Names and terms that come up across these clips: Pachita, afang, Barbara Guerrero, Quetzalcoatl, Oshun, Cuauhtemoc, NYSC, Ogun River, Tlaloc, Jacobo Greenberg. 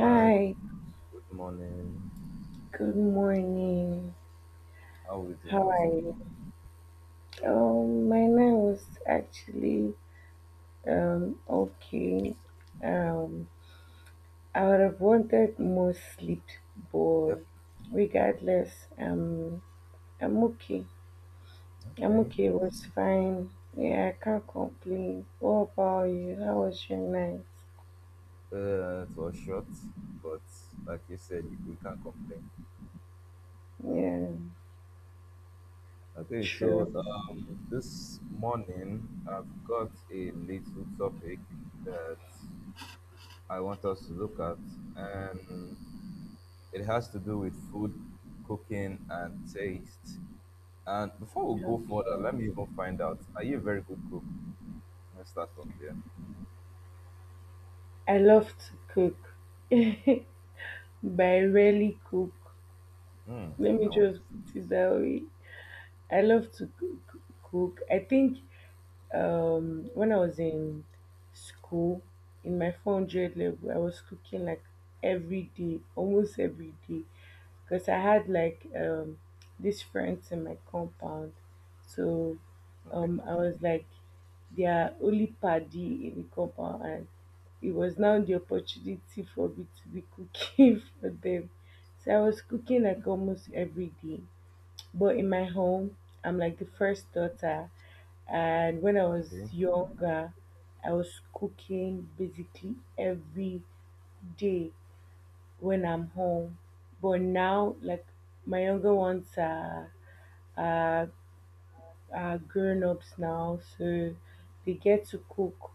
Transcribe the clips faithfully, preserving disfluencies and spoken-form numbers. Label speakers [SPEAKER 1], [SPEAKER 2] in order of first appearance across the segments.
[SPEAKER 1] Hi, good morning.
[SPEAKER 2] good morning.
[SPEAKER 1] How are we doing
[SPEAKER 2] How
[SPEAKER 1] this
[SPEAKER 2] are
[SPEAKER 1] morning?
[SPEAKER 2] you? Um, my night was actually um okay. Um, I would have wanted more sleep,
[SPEAKER 1] Yes,
[SPEAKER 2] but regardless, um, I'm okay. I'm
[SPEAKER 1] okay.
[SPEAKER 2] okay. It was fine. Yeah, I can't complain. What about you? How was your night?
[SPEAKER 1] Uh, it was short, but like you said, we can't complain.
[SPEAKER 2] Yeah,
[SPEAKER 1] Okay, so
[SPEAKER 2] true.
[SPEAKER 1] um, this morning I've got a little topic that I want us to look at, and it has to do with food, cooking, and taste. And before we go further,
[SPEAKER 2] Okay.
[SPEAKER 1] let me even find out: Are you a very good cook? Let's start from there.
[SPEAKER 2] I love to cook, but I rarely cook.
[SPEAKER 1] Hmm.
[SPEAKER 2] Let me
[SPEAKER 1] I want-
[SPEAKER 2] just put it that way. I love to coo- coo- cook. I think um, when I was in school, in my four hundred level, I was cooking like every day, almost every day, because I had like um, these friends in my compound. So
[SPEAKER 1] Okay.
[SPEAKER 2] um, I was like their only paddy in the compound, and it was now the opportunity for me to be cooking for them. So I was cooking like almost every day. But in my home, I'm like the first daughter. And when I was
[SPEAKER 1] Okay.
[SPEAKER 2] younger, I was cooking basically every day when I'm home. But now, like my younger ones are are, are grown ups now, so they get to cook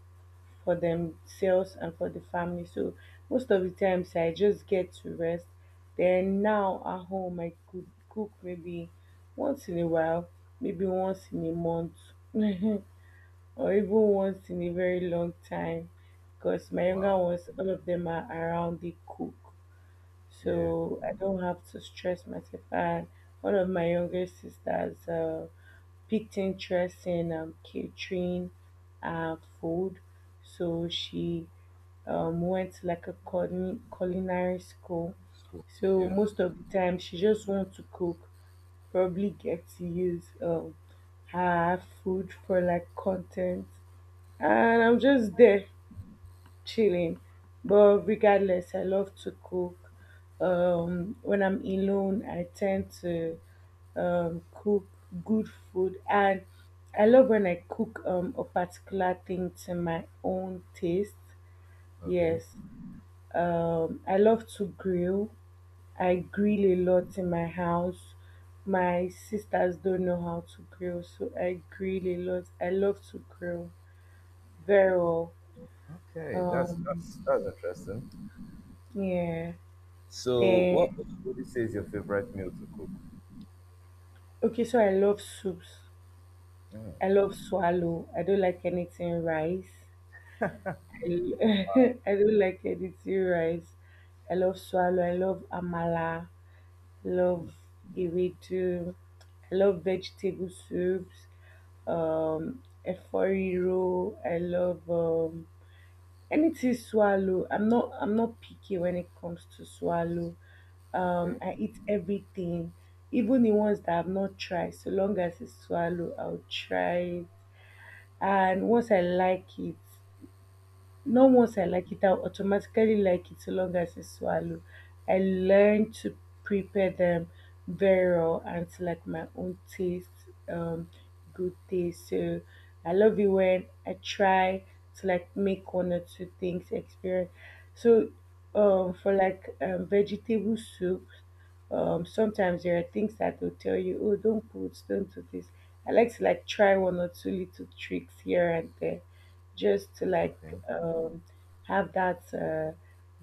[SPEAKER 2] for themselves and for the family. So most of the times I just get to rest. Then now at home I could cook maybe once in a while, maybe once in a month, or even once in a very long time. Because my younger
[SPEAKER 1] Wow.
[SPEAKER 2] ones, all of them are around the cook.
[SPEAKER 1] Yeah,
[SPEAKER 2] So I don't have to stress myself. And one of my younger sisters uh, picked interest in um, catering uh, food. So she um, went like a culin- culinary school.
[SPEAKER 1] it's cool.
[SPEAKER 2] So
[SPEAKER 1] Yeah.
[SPEAKER 2] most of the time, she just wants to cook, probably get to use um, her food for like content. And I'm just there chilling. But regardless, I love to cook. Um, when I'm alone, I tend to um, cook good food, and I love when I cook um, a particular thing to my own taste.
[SPEAKER 1] Okay.
[SPEAKER 2] Yes, um, I love to grill. I grill a lot in my house. My sisters don't know how to grill, so I grill a lot. I love to grill very well.
[SPEAKER 1] Okay. That's
[SPEAKER 2] Um,
[SPEAKER 1] that's that's interesting.
[SPEAKER 2] yeah.
[SPEAKER 1] So, what
[SPEAKER 2] Then
[SPEAKER 1] would you say is your favorite meal to cook?
[SPEAKER 2] okay, so I love soups.
[SPEAKER 1] Mm,
[SPEAKER 2] I love swallow. I don't like anything rice. I, I don't like anything rice. I love swallow. I love amala. Love burrito. I love vegetable soups. Um, efforiro. I love um, anything swallow. I'm not. I'm not picky when it comes to swallow. Um,
[SPEAKER 1] okay.
[SPEAKER 2] I eat everything, even the ones that I've not tried. So long as it's swallow, I'll try it. And once I like it, not once I like it, I automatically like it so long as I swallow. I learn to prepare them very well and to like my own taste, um, good taste. So I love it when I try to like make one or two things experience. So
[SPEAKER 1] Yeah,
[SPEAKER 2] um, for like um, vegetable soup, um, sometimes there are things that will tell you, oh, don't put, don't do this. I like to like try one or two little tricks here and there just to like
[SPEAKER 1] Okay.
[SPEAKER 2] um, have that uh,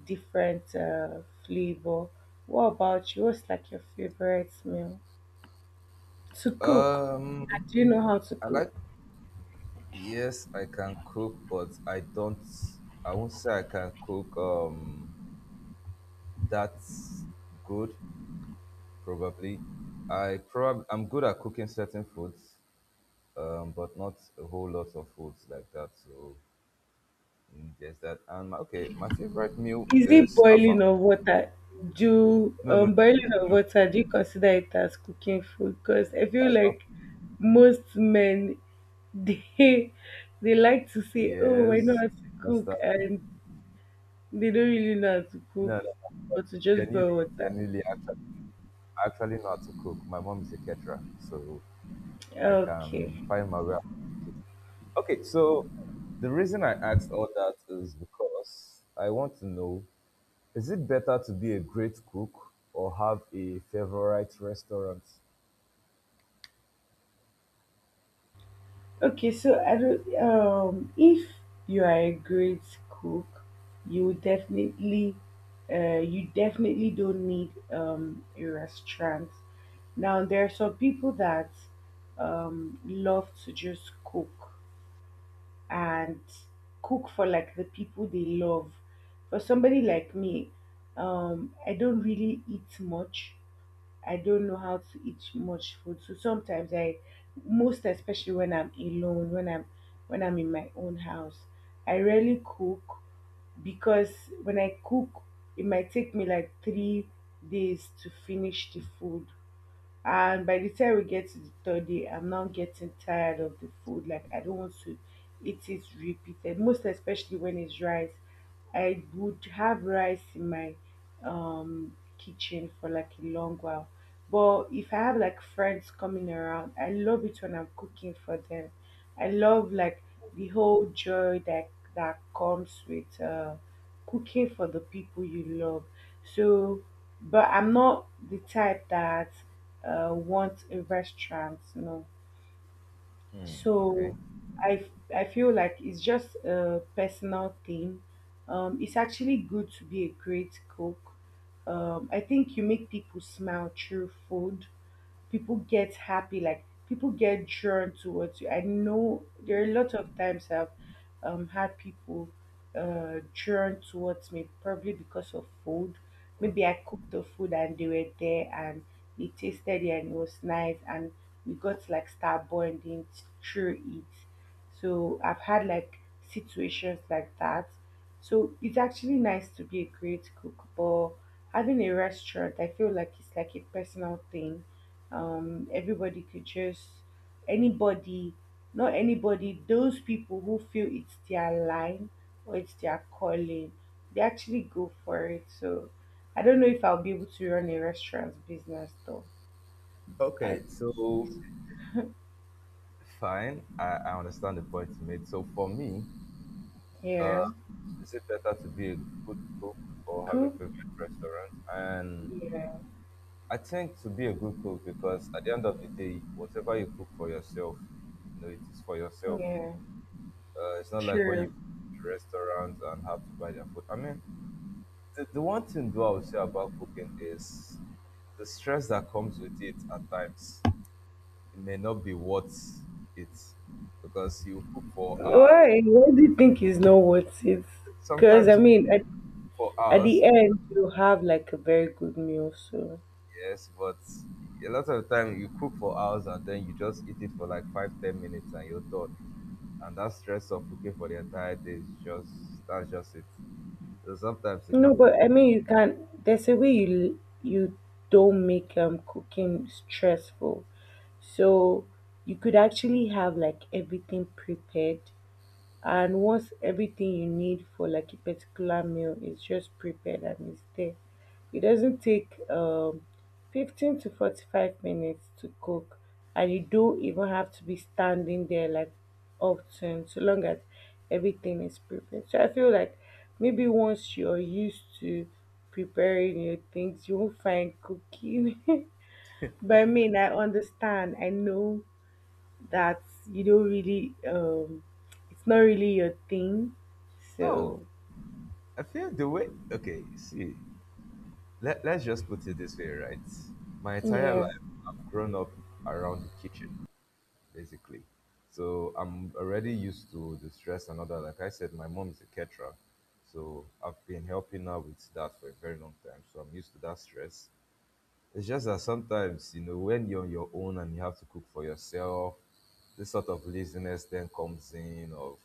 [SPEAKER 2] different uh, flavor. What about you? What's like your favorite meal to cook?
[SPEAKER 1] Um,
[SPEAKER 2] And do you know how to
[SPEAKER 1] I
[SPEAKER 2] cook?
[SPEAKER 1] like. Yes, I can cook, but I don't. I won't say I can cook. Um, that's good. Probably, I probably I'm good at cooking certain foods. Um, but not a whole lot of foods like that. So Mm, just that. And my, okay, my favorite meal
[SPEAKER 2] Is it
[SPEAKER 1] is
[SPEAKER 2] boiling
[SPEAKER 1] afang.
[SPEAKER 2] of water? Do
[SPEAKER 1] No, no,
[SPEAKER 2] um, boiling of
[SPEAKER 1] no,
[SPEAKER 2] water? Do you consider it as cooking food? Because I feel
[SPEAKER 1] that's not-
[SPEAKER 2] like most men they they like to say, "Oh, I know
[SPEAKER 1] Yes,
[SPEAKER 2] how to
[SPEAKER 1] that's
[SPEAKER 2] cook,"
[SPEAKER 1] that.
[SPEAKER 2] and they don't really know how to cook,
[SPEAKER 1] No, no, no.
[SPEAKER 2] but to just
[SPEAKER 1] Genuinely,
[SPEAKER 2] boil water.
[SPEAKER 1] genuinely, actually, I actually know how to cook. My mom is a caterer, so I
[SPEAKER 2] Okay.
[SPEAKER 1] can find my way. Okay, so the reason I asked all that is because I want to know: is it better to be a great cook or have a favorite restaurant?
[SPEAKER 2] Okay, so I don't. Um, if you are a great cook, you will definitely, uh, you definitely don't need um a restaurant. Now there are some people that um love to just cook and cook for like the people they love. For somebody like me, um, I don't really eat much, I don't know how to eat much food. So sometimes I most especially when I'm alone, when I'm when I'm in my own house, I rarely cook because when I cook it might take me like three days to finish the food, and by the time we get to the third day, I'm now getting tired of the food. Like I don't want to eat it repeated, most especially when it's rice. I would have rice in my um kitchen for like a long while. But if I have like friends coming around, I love it when I'm cooking for them. I love like the whole joy that that comes with uh cooking for the people you love. So but I'm not the type that uh, want a restaurant, no. So
[SPEAKER 1] Okay.
[SPEAKER 2] i f- I feel like it's just a personal thing. um it's actually good to be a great cook. um I think you make people smile through food. People get happy, like people get drawn towards you. I know there are a lot of times I've um, had people uh, drawn towards me, probably because of food.
[SPEAKER 1] Good.
[SPEAKER 2] Maybe I cooked the food and they were there, and they tasted it and it was nice, and we got like star bonding through it. So I've had like situations like that. So it's actually nice to be a great cook, but having a restaurant, I feel like it's like a personal thing. Um, everybody could just anybody not anybody, those people who feel it's their line or it's their calling, they actually go for it. So I don't know if I'll be able to run a restaurant business though. I
[SPEAKER 1] Okay, so
[SPEAKER 2] think so.
[SPEAKER 1] fine, I, I understand the point you made. So for me,
[SPEAKER 2] Yeah,
[SPEAKER 1] uh, is it better to be a good cook or have a
[SPEAKER 2] cook.
[SPEAKER 1] favorite restaurant? And
[SPEAKER 2] Yeah,
[SPEAKER 1] I think to be a good cook because at the end of the day, whatever you cook for yourself, you know, it is for yourself.
[SPEAKER 2] yeah,
[SPEAKER 1] Uh, it's not like when you
[SPEAKER 2] sure.
[SPEAKER 1] go to restaurants and have to buy their food. I mean, the, the one thing though I would say about cooking is the stress that comes with it at times it may not be worth it because you cook for hours.
[SPEAKER 2] Why, what do you think is not worth it? Because I
[SPEAKER 1] Sometimes
[SPEAKER 2] mean, at,
[SPEAKER 1] for
[SPEAKER 2] at
[SPEAKER 1] hours,
[SPEAKER 2] the end you have like a very good meal. So
[SPEAKER 1] yes, but a lot of time you cook for hours and then you just eat it for like five, ten minutes and you're done. And that stress of cooking for the entire day is just that's just it. So sometimes it
[SPEAKER 2] no,
[SPEAKER 1] can
[SPEAKER 2] but
[SPEAKER 1] be
[SPEAKER 2] I mean, you can. There's a way you you don't make um cooking stressful, so you could actually have like everything prepared, and once everything you need for like a particular meal is just prepared and it's there, it doesn't take um fifteen to forty-five minutes to cook. And you don't even have to be standing there like often, so long as everything is prepared. So I feel like maybe once you're used to preparing your things, you won't find cooking but I mean I understand, I know that you don't really um it's not really your thing.
[SPEAKER 1] no.
[SPEAKER 2] So
[SPEAKER 1] I feel the way okay, see, let, let's just put it this way, right? My entire
[SPEAKER 2] yeah.
[SPEAKER 1] life I've grown up around the kitchen, basically. So I'm already used to the stress and all that. Like I said, my mom is a caterer, so I've been helping her with that for a very long time. So I'm used to that stress. It's just that sometimes, you know, when you're on your own and you have to cook for yourself, this sort of laziness then comes in of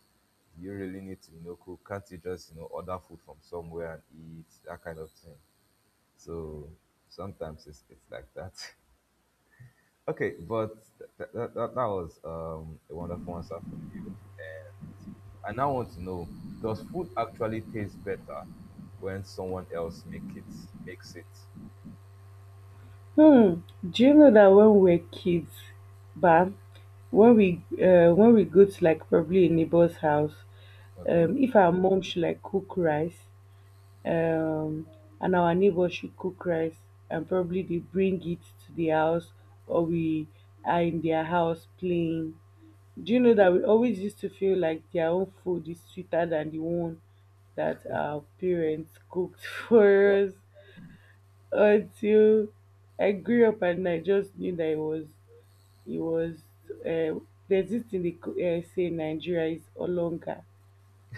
[SPEAKER 1] do you really need to, you know, cook? Can't you just, you know, order food from somewhere and eat? That kind of thing. So sometimes it's, it's like that. Okay, but that, that, that, was um, a wonderful answer from you. And I now want to know: Does food actually taste better when someone else make it makes it?
[SPEAKER 2] Hmm. Do you know that when we were kids, bam, when we uh when we go to like probably a neighbor's house,
[SPEAKER 1] Okay.
[SPEAKER 2] um if our mom should like cook rice, um and our neighbor should cook rice and probably they bring it to the house, or we are in their house playing. Do you know that we always used to feel like their own food is sweeter than the one that our parents cooked for
[SPEAKER 1] Well,
[SPEAKER 2] us, until I grew up and I just knew that it was it was uh, there's this thing they co- uh, say in Nigeria is olonga,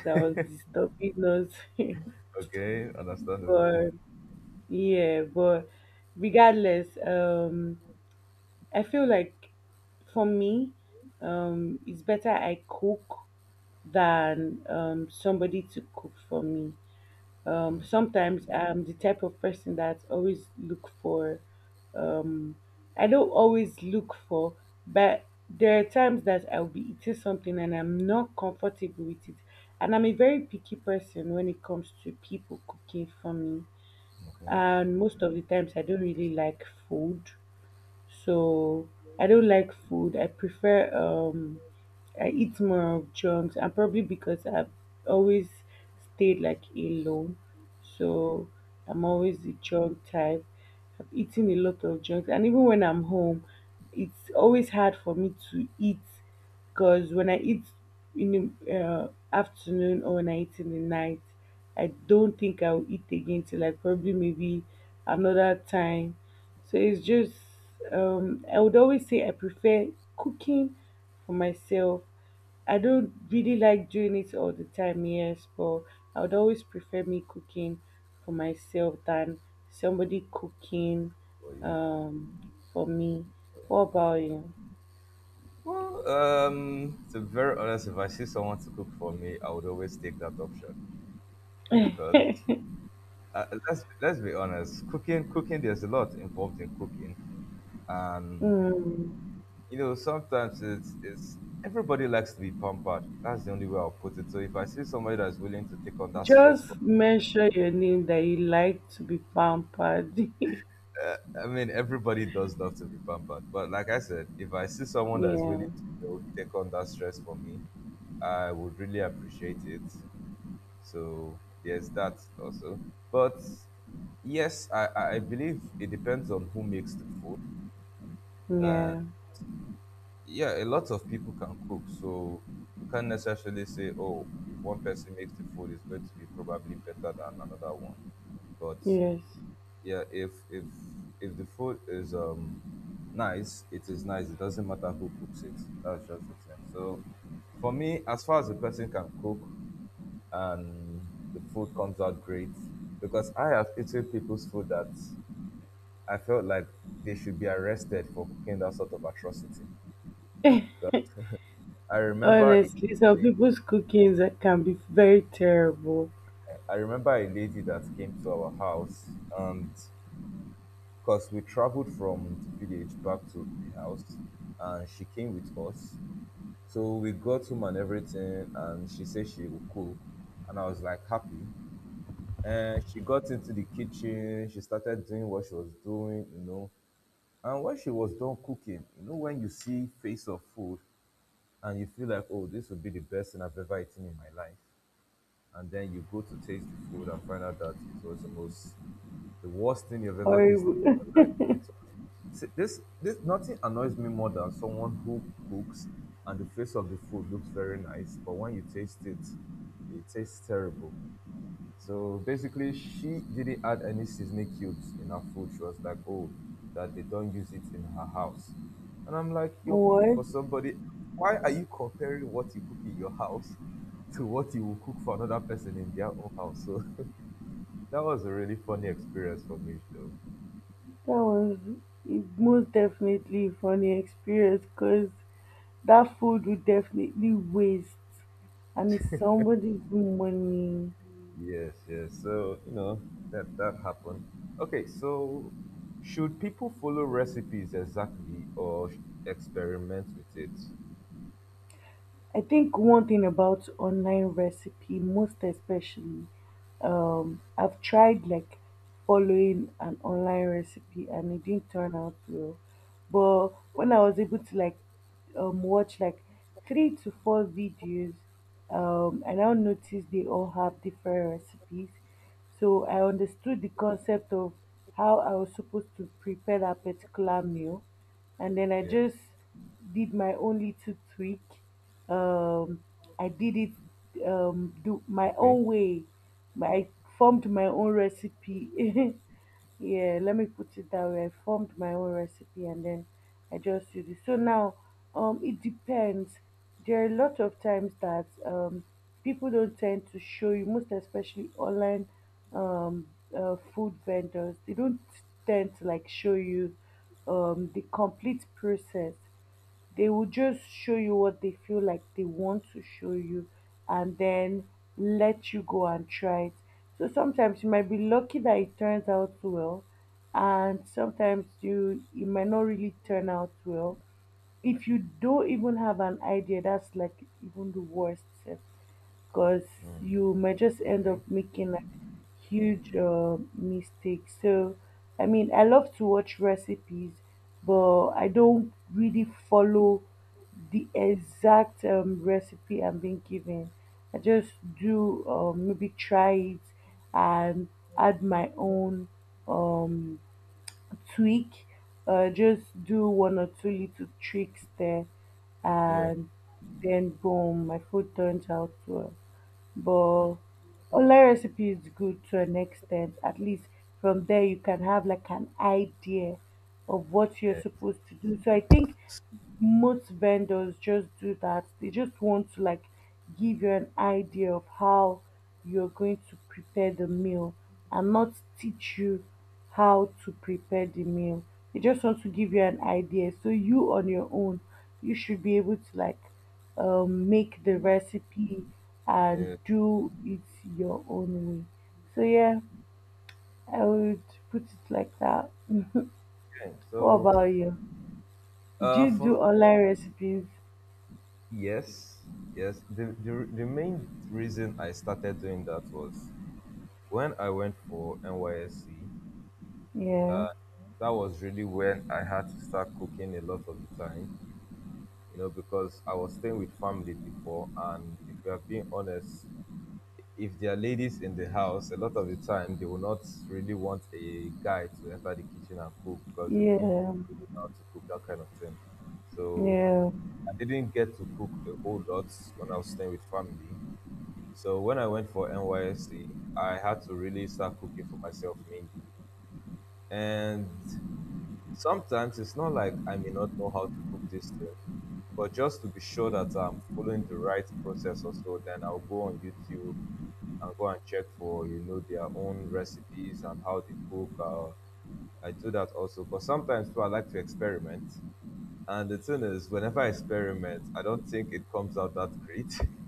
[SPEAKER 2] that was disturbing us.
[SPEAKER 1] okay, understandable.
[SPEAKER 2] But yeah but regardless, um I feel like for me um it's better I cook than um, somebody to cook for me. Um, sometimes I'm the type of person that always look for. Um, I don't always look for, but there are times that I'll be eating something and I'm not comfortable with it. And I'm a very picky person when it comes to people cooking for me.
[SPEAKER 1] Okay,
[SPEAKER 2] And most of the times I don't really like food, so I don't like food. I prefer um I eat more of junks, and probably because I've always stayed like alone, so I'm always the junk type. I've eaten a lot of junk, and even when I'm home, it's always hard for me to eat because when I eat in the uh, afternoon, or when I eat in the night, I don't think I'll eat again till like probably maybe another time. So it's just um, I would always say I prefer cooking for myself. I don't really like doing it all the time, yes, but I would always prefer me cooking for myself than somebody cooking
[SPEAKER 1] for you.
[SPEAKER 2] um, for me. What
[SPEAKER 1] Okay.
[SPEAKER 2] about you?
[SPEAKER 1] Well, um, to be very honest, if I see someone to cook for me, I would always take that option because uh, let's let's be honest, cooking cooking there's a lot involved in cooking, and
[SPEAKER 2] Mm,
[SPEAKER 1] you know, sometimes it's it's everybody likes to be pampered. That's the only way I'll put it. So if I see somebody that's willing to take on that stress for
[SPEAKER 2] just mention your name that you like to be pampered.
[SPEAKER 1] I mean, everybody does love to be pampered. But like I said, if I see someone that's
[SPEAKER 2] Yeah,
[SPEAKER 1] willing to you know, take on that stress for me, I would really appreciate it. So there's that also. But yes, I, I I believe it depends on who makes the food.
[SPEAKER 2] yeah,
[SPEAKER 1] Yeah, a lot of people can cook, so you can't necessarily say, oh, if one person makes the food, it's going to be probably better than another one. But
[SPEAKER 2] yes.
[SPEAKER 1] yeah, if if if the food is um nice, it is nice. It doesn't matter who cooks it. That's just the thing. So for me, as far as the person can cook and the food comes out great, because I have eaten people's food that I felt like they should be arrested for cooking that sort of atrocity. I remember a
[SPEAKER 2] Honestly, some
[SPEAKER 1] lady,
[SPEAKER 2] people's cooking that can be very terrible.
[SPEAKER 1] I remember a lady that came to our house and because we traveled from the village back to the house and she came with us. So we got home and everything and she said she would cook and I was like happy. And she got into the kitchen, she started doing what she was doing, you know. And when she was done cooking, you know, when you see face of food and you feel like, oh, this would be the best thing I've ever eaten in my life. And then you go to taste the food and find out that it was almost the worst thing you've ever tasted
[SPEAKER 2] Horrible.
[SPEAKER 1] in your life. It's see, this this nothing annoys me more than someone who cooks and the face of the food looks very nice, but when you taste it, it tastes terrible. So basically, she didn't add any seasoning cubes in her food. She was like, oh, that they don't use it in her house. And I'm like, you're cooking
[SPEAKER 2] What?
[SPEAKER 1] for somebody. Why are you comparing what you cook in your house to what you will cook for another person in their own house? So that was a really funny experience for me, though.
[SPEAKER 2] That was it, most definitely a funny experience, because that food would definitely waste, and it's somebody's money.
[SPEAKER 1] Yes, yes. So, you know, that, that happened. Okay, so should people follow recipes exactly or sh- experiment with it?
[SPEAKER 2] I think one thing about online recipe, most especially, um, I've tried like following an online recipe and it didn't turn out well. But when I was able to like um, watch like three to four videos, um, I now noticed they all have different recipes, so I understood the concept of how I was supposed to prepare that particular meal. And then I
[SPEAKER 1] Yeah.
[SPEAKER 2] just did my own little tweak. Um, I did it um, do my
[SPEAKER 1] Okay.
[SPEAKER 2] own way. My, I formed my own recipe. Yeah, let me put it that way. I formed my own recipe and then I just use it. So now um it depends. There are a lot of times that um people don't tend to show you, most especially online, um uh, food vendors, they don't tend to like show you um the complete process. They will just show you what they feel like they want to show you and then let you go and try it. So sometimes you might be lucky that it turns out well, and sometimes you it might not really turn out well. If you don't even have an idea, that's like even the worst. Set because you might just end up
[SPEAKER 1] Okay.
[SPEAKER 2] making like huge uh, mistakes. So, I mean, I love to watch recipes, but I don't really follow the exact um, recipe I'm being given. I just do um, maybe try it and add my own um, tweak. Uh, just do one or two little tricks there,
[SPEAKER 1] Yeah,
[SPEAKER 2] and then boom, my food turns out well. But online recipe is good to an extent. At least from there you can have like an idea of what you're
[SPEAKER 1] Yeah,
[SPEAKER 2] supposed to do. So I think most vendors just do that. They just want to like give you an idea of how you're going to prepare the meal and not teach you how to prepare the meal. They just want to give you an idea so you on your own, you should be able to like um, make the recipe and
[SPEAKER 1] yeah,
[SPEAKER 2] do it your own way. So yeah, I would put it like that.
[SPEAKER 1] yeah.
[SPEAKER 2] What
[SPEAKER 1] So,
[SPEAKER 2] about you? Do
[SPEAKER 1] uh,
[SPEAKER 2] you
[SPEAKER 1] from
[SPEAKER 2] do online recipes?
[SPEAKER 1] yes, yes. The, the the main reason I started doing that was when I went for N Y S C.
[SPEAKER 2] Yeah,
[SPEAKER 1] That was really when I had to start cooking a lot of the time, you know, because I was staying with family before, and if we are being honest, if there are ladies in the house, a lot of the time they will not really want a guy to enter the kitchen and cook because they will feel you
[SPEAKER 2] yeah,
[SPEAKER 1] don't know how to cook that kind of thing. So
[SPEAKER 2] yeah.
[SPEAKER 1] I didn't get to cook a whole lot when I was staying with family. So when I went for N Y S C, I had to really start cooking for myself mainly. And sometimes it's not like I may not know how to cook this thing, but just to be sure that I'm following the right process or so, then I'll go on YouTube and go and check for, you know, their own recipes and how they cook. Uh, I do that also. But sometimes too, I like to experiment. And the thing is, whenever I experiment, I don't think it comes out that great.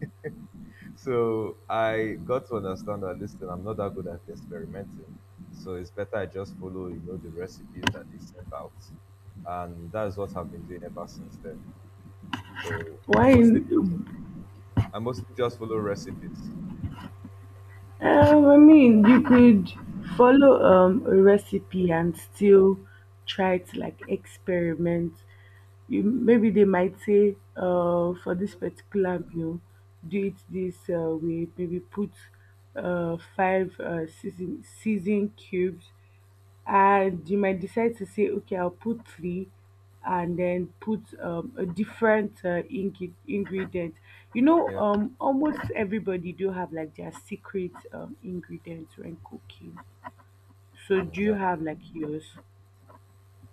[SPEAKER 1] So I got to understand that listen, I'm not that good at experimenting. So it's better I just follow, you know, the recipes that they set out. And that's what I've been doing ever since then. So I
[SPEAKER 2] Why?
[SPEAKER 1] mostly I mostly just follow recipes.
[SPEAKER 2] Um, I mean, you could follow um, a recipe and still try to like experiment. You maybe they might say, uh, for this particular meal, do it this uh, way. Maybe put uh, five uh, season season cubes, and you might decide to say, okay, I'll put three and then put um, a different uh, ing- ingredient. You know,
[SPEAKER 1] Yeah.
[SPEAKER 2] um, almost everybody do have like their secret um, ingredients when cooking. So do
[SPEAKER 1] Mm,
[SPEAKER 2] you have
[SPEAKER 1] that's
[SPEAKER 2] like yours?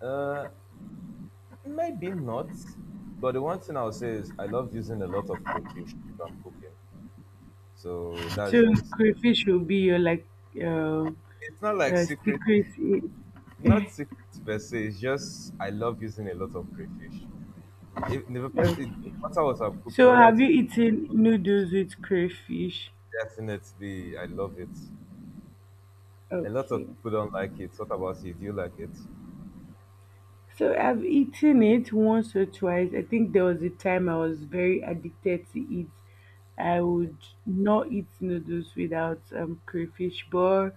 [SPEAKER 1] uh, maybe not. But the one thing I'll say is I love using a lot of crayfish if I'm cooking. So
[SPEAKER 2] So
[SPEAKER 1] that's just
[SPEAKER 2] crayfish will be your like uh,
[SPEAKER 1] it's not like
[SPEAKER 2] uh,
[SPEAKER 1] secret
[SPEAKER 2] secret i-
[SPEAKER 1] not secret per se, it's just I love using a lot of crayfish. If the,
[SPEAKER 2] uh,
[SPEAKER 1] first- it, no matter what I'm cooking,
[SPEAKER 2] so
[SPEAKER 1] whether
[SPEAKER 2] have
[SPEAKER 1] it
[SPEAKER 2] you
[SPEAKER 1] is
[SPEAKER 2] eaten noodles with crayfish?
[SPEAKER 1] definitely I love it. A lot
[SPEAKER 2] Okay.
[SPEAKER 1] of people don't like it. What about you? Do you like it?
[SPEAKER 2] So I've eaten it once or twice. I think there was a time I was very addicted to it. I
[SPEAKER 1] Okay.
[SPEAKER 2] would not eat noodles without um, crayfish, but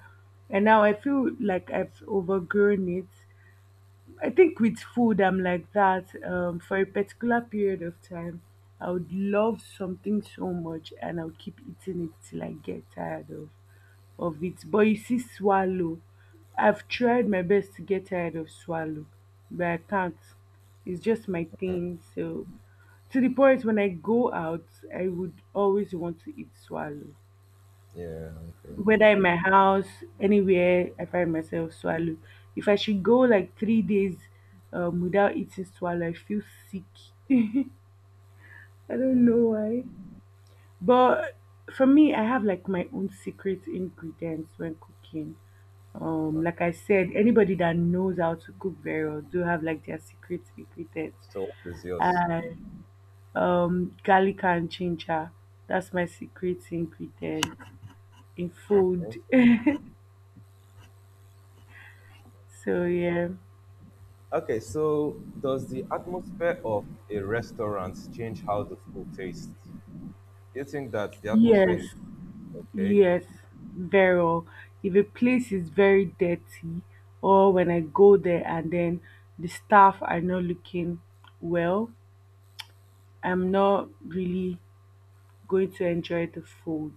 [SPEAKER 2] and now I feel like I've overgrown it. I think with food, I'm like that. Um, for a particular period of time, I would love something so much, and I'll keep eating it till I get tired of of it. But you see swallow, I've tried my best to get tired of swallow, but I can't. It's just my thing. So, to the point when I go out, I would always want to eat swallow.
[SPEAKER 1] Yeah. Okay.
[SPEAKER 2] Whether in my house, anywhere, I find myself swallow. If I should go like three days um, without eating swallow, I feel sick. I don't
[SPEAKER 1] Mm.
[SPEAKER 2] know why. But for me, I have like my own secret ingredients when cooking. Um, like I said, anybody that knows how to cook very well do have like their secret ingredients.
[SPEAKER 1] So what is yours?
[SPEAKER 2] And um garlic and ginger, that's my secret ingredient in food.
[SPEAKER 1] Okay.
[SPEAKER 2] So yeah.
[SPEAKER 1] Okay. So does the atmosphere of a restaurant change how the food tastes? Do you think that the atmosphere in
[SPEAKER 2] Yes.
[SPEAKER 1] okay?
[SPEAKER 2] Yes, very well. If a place is very dirty, or when I go there and then the staff are not looking well, I'm not really going to enjoy the food.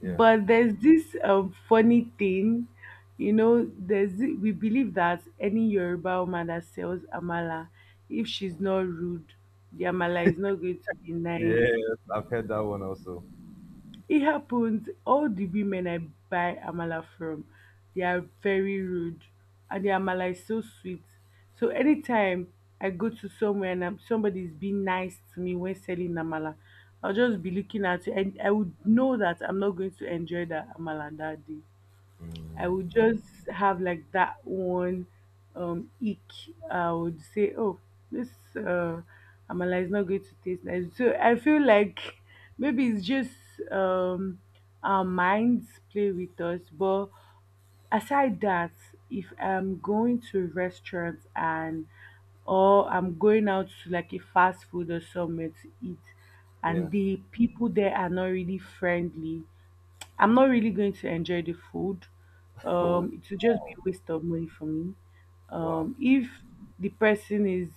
[SPEAKER 1] Yeah.
[SPEAKER 2] But there's this um, funny thing, you know, there's thi- we believe that any Yoruba woman that sells amala, if she's not rude, the amala is not going to be nice.
[SPEAKER 1] Yes, I've heard that one also.
[SPEAKER 2] It happens. All the women I buy amala from, they are very rude, and the amala is so sweet. So anytime I go to somewhere and I'm, somebody's being nice to me when selling amala, I'll just be looking at it, and I would know that I'm not going to enjoy that amala that day. I would just have like that one um ick. I would say, oh, this uh amala is not going to taste nice. So I feel like maybe it's just um our minds play with us. But aside that, if I'm going to restaurants and or I'm going out to like a fast food or somewhere to eat,
[SPEAKER 1] Yeah.
[SPEAKER 2] and the people there are not really friendly, I'm not really going to enjoy the food.
[SPEAKER 1] Wow.
[SPEAKER 2] Um, it will just be a waste of money for me.
[SPEAKER 1] Wow.
[SPEAKER 2] Um, if the person is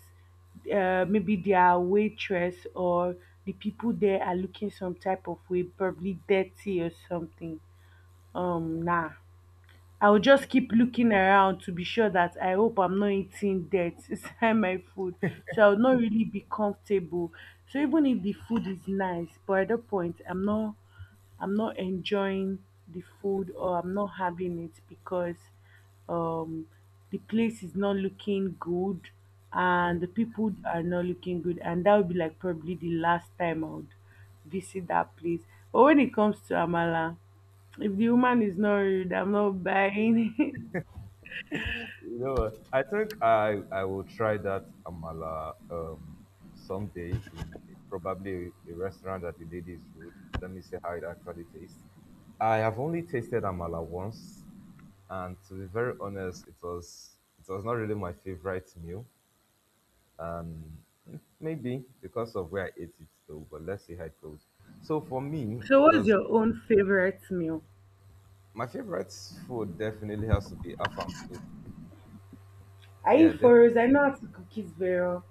[SPEAKER 2] uh, maybe their waitress, or the people there are looking some type of way, probably dirty or something. Um, nah. I'll just keep looking around to be sure that I hope I'm not eating dirt inside my food. So I'll not really be comfortable. So even if the food is nice, but at that point I'm not I'm not enjoying the food
[SPEAKER 1] Beautiful.
[SPEAKER 2] or I'm not having it because um the place is not looking good
[SPEAKER 1] Yeah.
[SPEAKER 2] and the people are not looking good, and that would be like probably the last time I would visit that place. But when it comes to Amala, if the woman is not rude, I'm not buying it.
[SPEAKER 1] You know, what? I think I I will try that amala um someday in probably a restaurant that the lady is rude. Let me see how it actually tastes. I have only tasted amala once, and to be very honest, it was it was not really my favorite meal. Maybe because of where I ate it though, but let's see how it goes. So for me,
[SPEAKER 2] So, what's
[SPEAKER 1] does
[SPEAKER 2] your own favorite meal?
[SPEAKER 1] my favorite food definitely has to be afang soup.
[SPEAKER 2] I
[SPEAKER 1] Yeah,
[SPEAKER 2] eat furrows. I know how to cook it very well.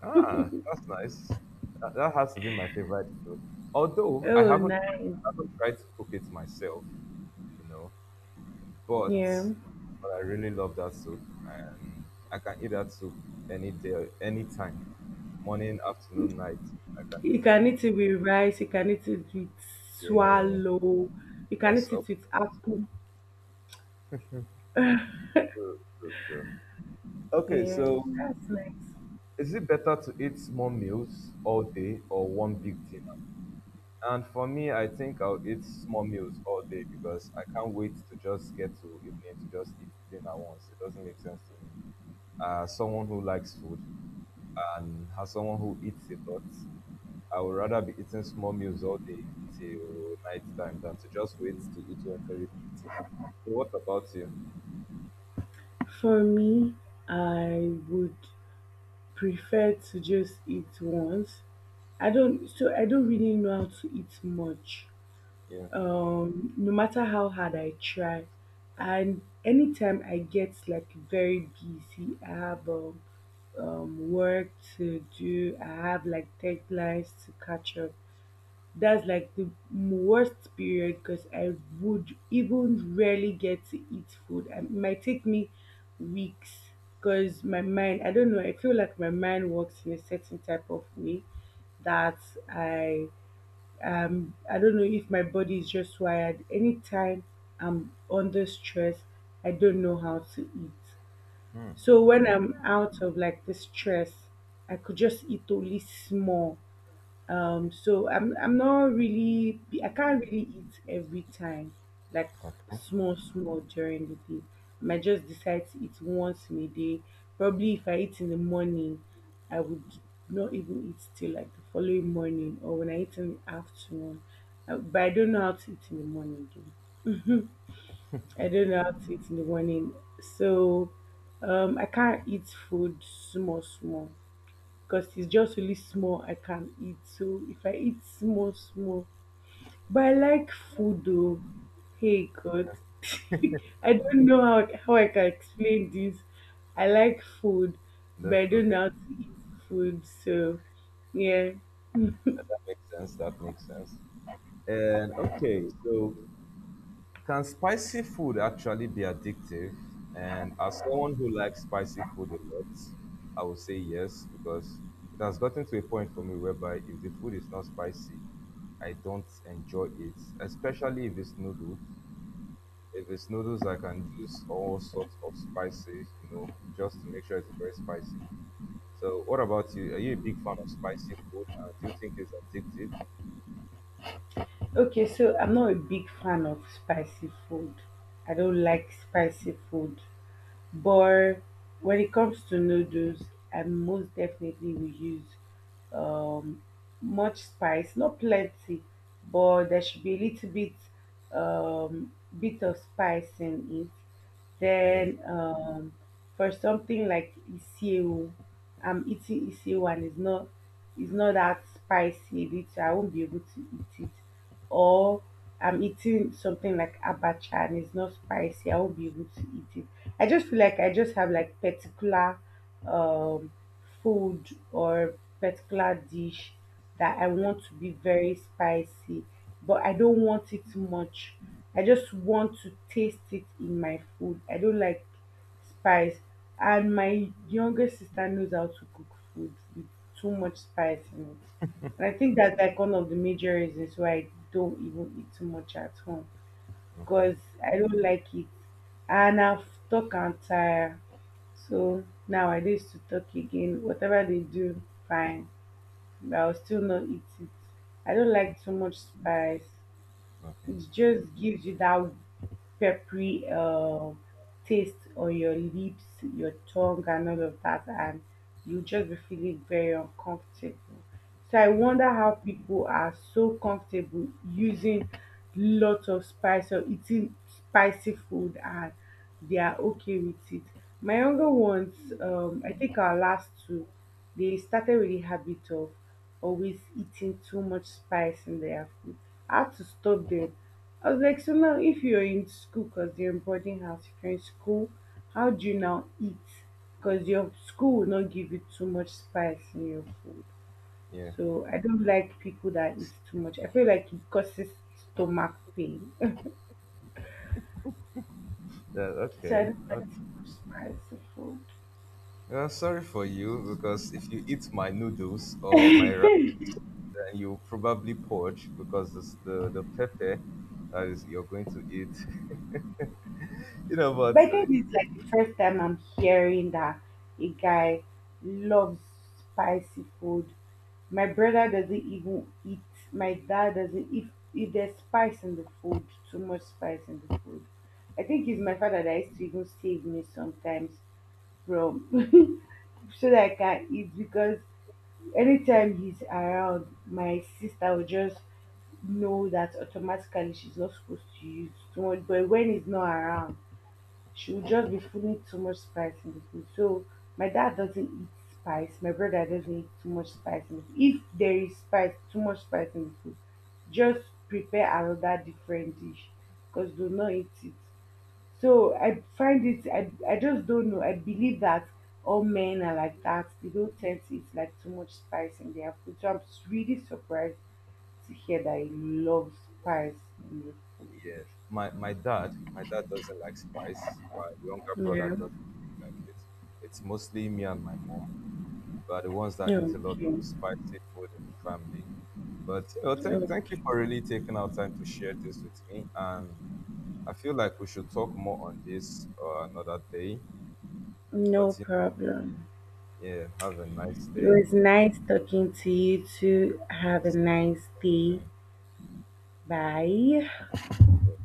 [SPEAKER 1] ah, that's nice. That, that has to be my favorite food. Although I
[SPEAKER 2] Oh,
[SPEAKER 1] haven't,
[SPEAKER 2] nice.
[SPEAKER 1] I haven't tried to cook it myself, you know, but
[SPEAKER 2] Yeah.
[SPEAKER 1] but I really love that soup, and I can eat that soup any day, any time, morning, afternoon, night. I can eat
[SPEAKER 2] You
[SPEAKER 1] it.
[SPEAKER 2] can eat it with rice. You can eat it with
[SPEAKER 1] Yeah,
[SPEAKER 2] swallow. You can
[SPEAKER 1] yes,
[SPEAKER 2] eat
[SPEAKER 1] oh,
[SPEAKER 2] it with apple.
[SPEAKER 1] true, true, true. Okay,
[SPEAKER 2] Yeah.
[SPEAKER 1] so is it better to eat small meals all day or one big dinner? And for me, I think I'll eat small meals all day because I can't wait to just get to evening to just eat dinner once. It doesn't make sense to me. Uh, someone who likes food and has someone who eats a lot, I would rather be eating small meals all day till night time than to just wait to eat a very big dinner. So what about you?
[SPEAKER 2] For me, I would prefer to just eat once. I don't. So I don't really know how to eat much.
[SPEAKER 1] Yeah.
[SPEAKER 2] Um, no matter how hard I try. And anytime I get like very busy, I have um, um work to do, I have like deadlines to catch up. That's like the worst period because I would even rarely get to eat food. And it might take me weeks because my mind, I don't know, I feel like my mind works in a certain type of way that I um I don't know if my body is just wired. Anytime I'm under stress, I don't know how to eat.
[SPEAKER 1] Hmm.
[SPEAKER 2] So when
[SPEAKER 1] Okay.
[SPEAKER 2] I'm out of like the stress, I could just eat only small. Um, so I'm I'm not really, I can't really eat every time, like
[SPEAKER 1] Okay.
[SPEAKER 2] small small during the day. I might just decide to eat once in a day. Probably if I eat in the morning, I would not even eat till like the following morning, or when I eat in the afternoon. Uh, But I don't know how to eat in the morning though. I don't know how to eat in the morning. So um I can't eat food small small because it's just really small I can eat. So if I eat small, small, but I like food though. Hey God, I don't know how, how I can explain this. I like food, but I
[SPEAKER 1] Def-
[SPEAKER 2] don't
[SPEAKER 1] Okay,
[SPEAKER 2] know how to eat food. So yeah.
[SPEAKER 1] that that makes sense. That makes sense. And okay, so can spicy food actually be addictive? And as someone who likes spicy food a lot, I would say yes, because it has gotten to a point for me whereby if the food is not spicy, I don't enjoy it, especially if it's noodles. If it's noodles, I can use all sorts of spices, you know, just to make sure it's very spicy. So, what about you? Are you a big fan of spicy food, and do you think it's addictive?
[SPEAKER 2] Okay, so I'm not a big fan of spicy food. I don't like spicy food. But when it comes to noodles, I most definitely will use um, much spice, not plenty, but there should be a little bit um, bit of spice in it.
[SPEAKER 1] Yeah.
[SPEAKER 2] Then um, for something like iseo, I'm eating iseo and it's not it's not that spicy. A little, I won't be able to eat it, or I'm eating something like abacha and it's not spicy, I won't be able to eat it. I just feel like I just have like particular um food or particular dish that I
[SPEAKER 1] Yeah.
[SPEAKER 2] want to be very spicy, but I don't want it much. I just want to taste it in my food. I don't like spice. And my younger sister knows how to cook food with too much spice in it. And I think that's like one of the major reasons why I don't even eat too much at home,
[SPEAKER 1] Okay.
[SPEAKER 2] because I don't like it. And I've stuck and tired. So nowadays to talk again, whatever they do, fine. But I'll still not eat it. I don't like too much spice.
[SPEAKER 1] Okay.
[SPEAKER 2] It just gives you that peppery uh, taste on your lips, your tongue, and all of that, and you just be feeling very uncomfortable. So I
[SPEAKER 1] Mm.
[SPEAKER 2] wonder how people are so comfortable using lots of spice or eating spicy food, and they are okay with it. My younger ones, um, I think our last two, they started with the habit of always eating too much spice in their food. I had to stop them. I was like, so now if you're in school, because you are in boarding house, if you're in school, how do you now eat? Because your school will not give you too much spice in your food.
[SPEAKER 1] Yeah.
[SPEAKER 2] So I don't like people that eat too much. I feel like it causes stomach pain.
[SPEAKER 1] Yeah.
[SPEAKER 2] So I
[SPEAKER 1] Okay.
[SPEAKER 2] don't like too much spice in food.
[SPEAKER 1] Uh, sorry for you because if you eat my noodles or my rice, then you probably purge because this, the the pepper that is you're going to eat, you know. But
[SPEAKER 2] But I
[SPEAKER 1] uh,
[SPEAKER 2] think it's like the first time I'm hearing that a guy loves spicy food. My brother doesn't even eat. My dad doesn't. If if there's spice in the food, too much spice in the food. I think it's my father that used to even save me sometimes from so that I can eat, because anytime he's around, my sister will just know that automatically she's not supposed to use too much. But when he's not around, she would just be putting too much spice in the food. So my dad doesn't eat spice. My brother doesn't eat too much spice in the food. If there is spice, too much spice in the food, just prepare another different dish because do not eat it. So I find it. I I just don't know. I believe that all men are like that. They don't tend to eat like too much spice in their food. So I'm really surprised to hear that he loves spice in
[SPEAKER 1] yeah, my my dad, my dad doesn't like spice. My younger
[SPEAKER 2] the
[SPEAKER 1] brother
[SPEAKER 2] food.
[SPEAKER 1] doesn't like it. It's mostly me and my mom who are the ones that
[SPEAKER 2] Yeah.
[SPEAKER 1] eat a lot of
[SPEAKER 2] Okay.
[SPEAKER 1] spicy food in the family. But you know, thank thank you
[SPEAKER 2] Okay.
[SPEAKER 1] for really taking our time to share this with me, and I feel like we should talk more on this uh, another day.
[SPEAKER 2] No
[SPEAKER 1] But you-
[SPEAKER 2] problem.
[SPEAKER 1] yeah, have a nice
[SPEAKER 2] It
[SPEAKER 1] day.
[SPEAKER 2] was nice talking to you too. Have a nice day.
[SPEAKER 1] Thank
[SPEAKER 2] Bye.
[SPEAKER 1] you.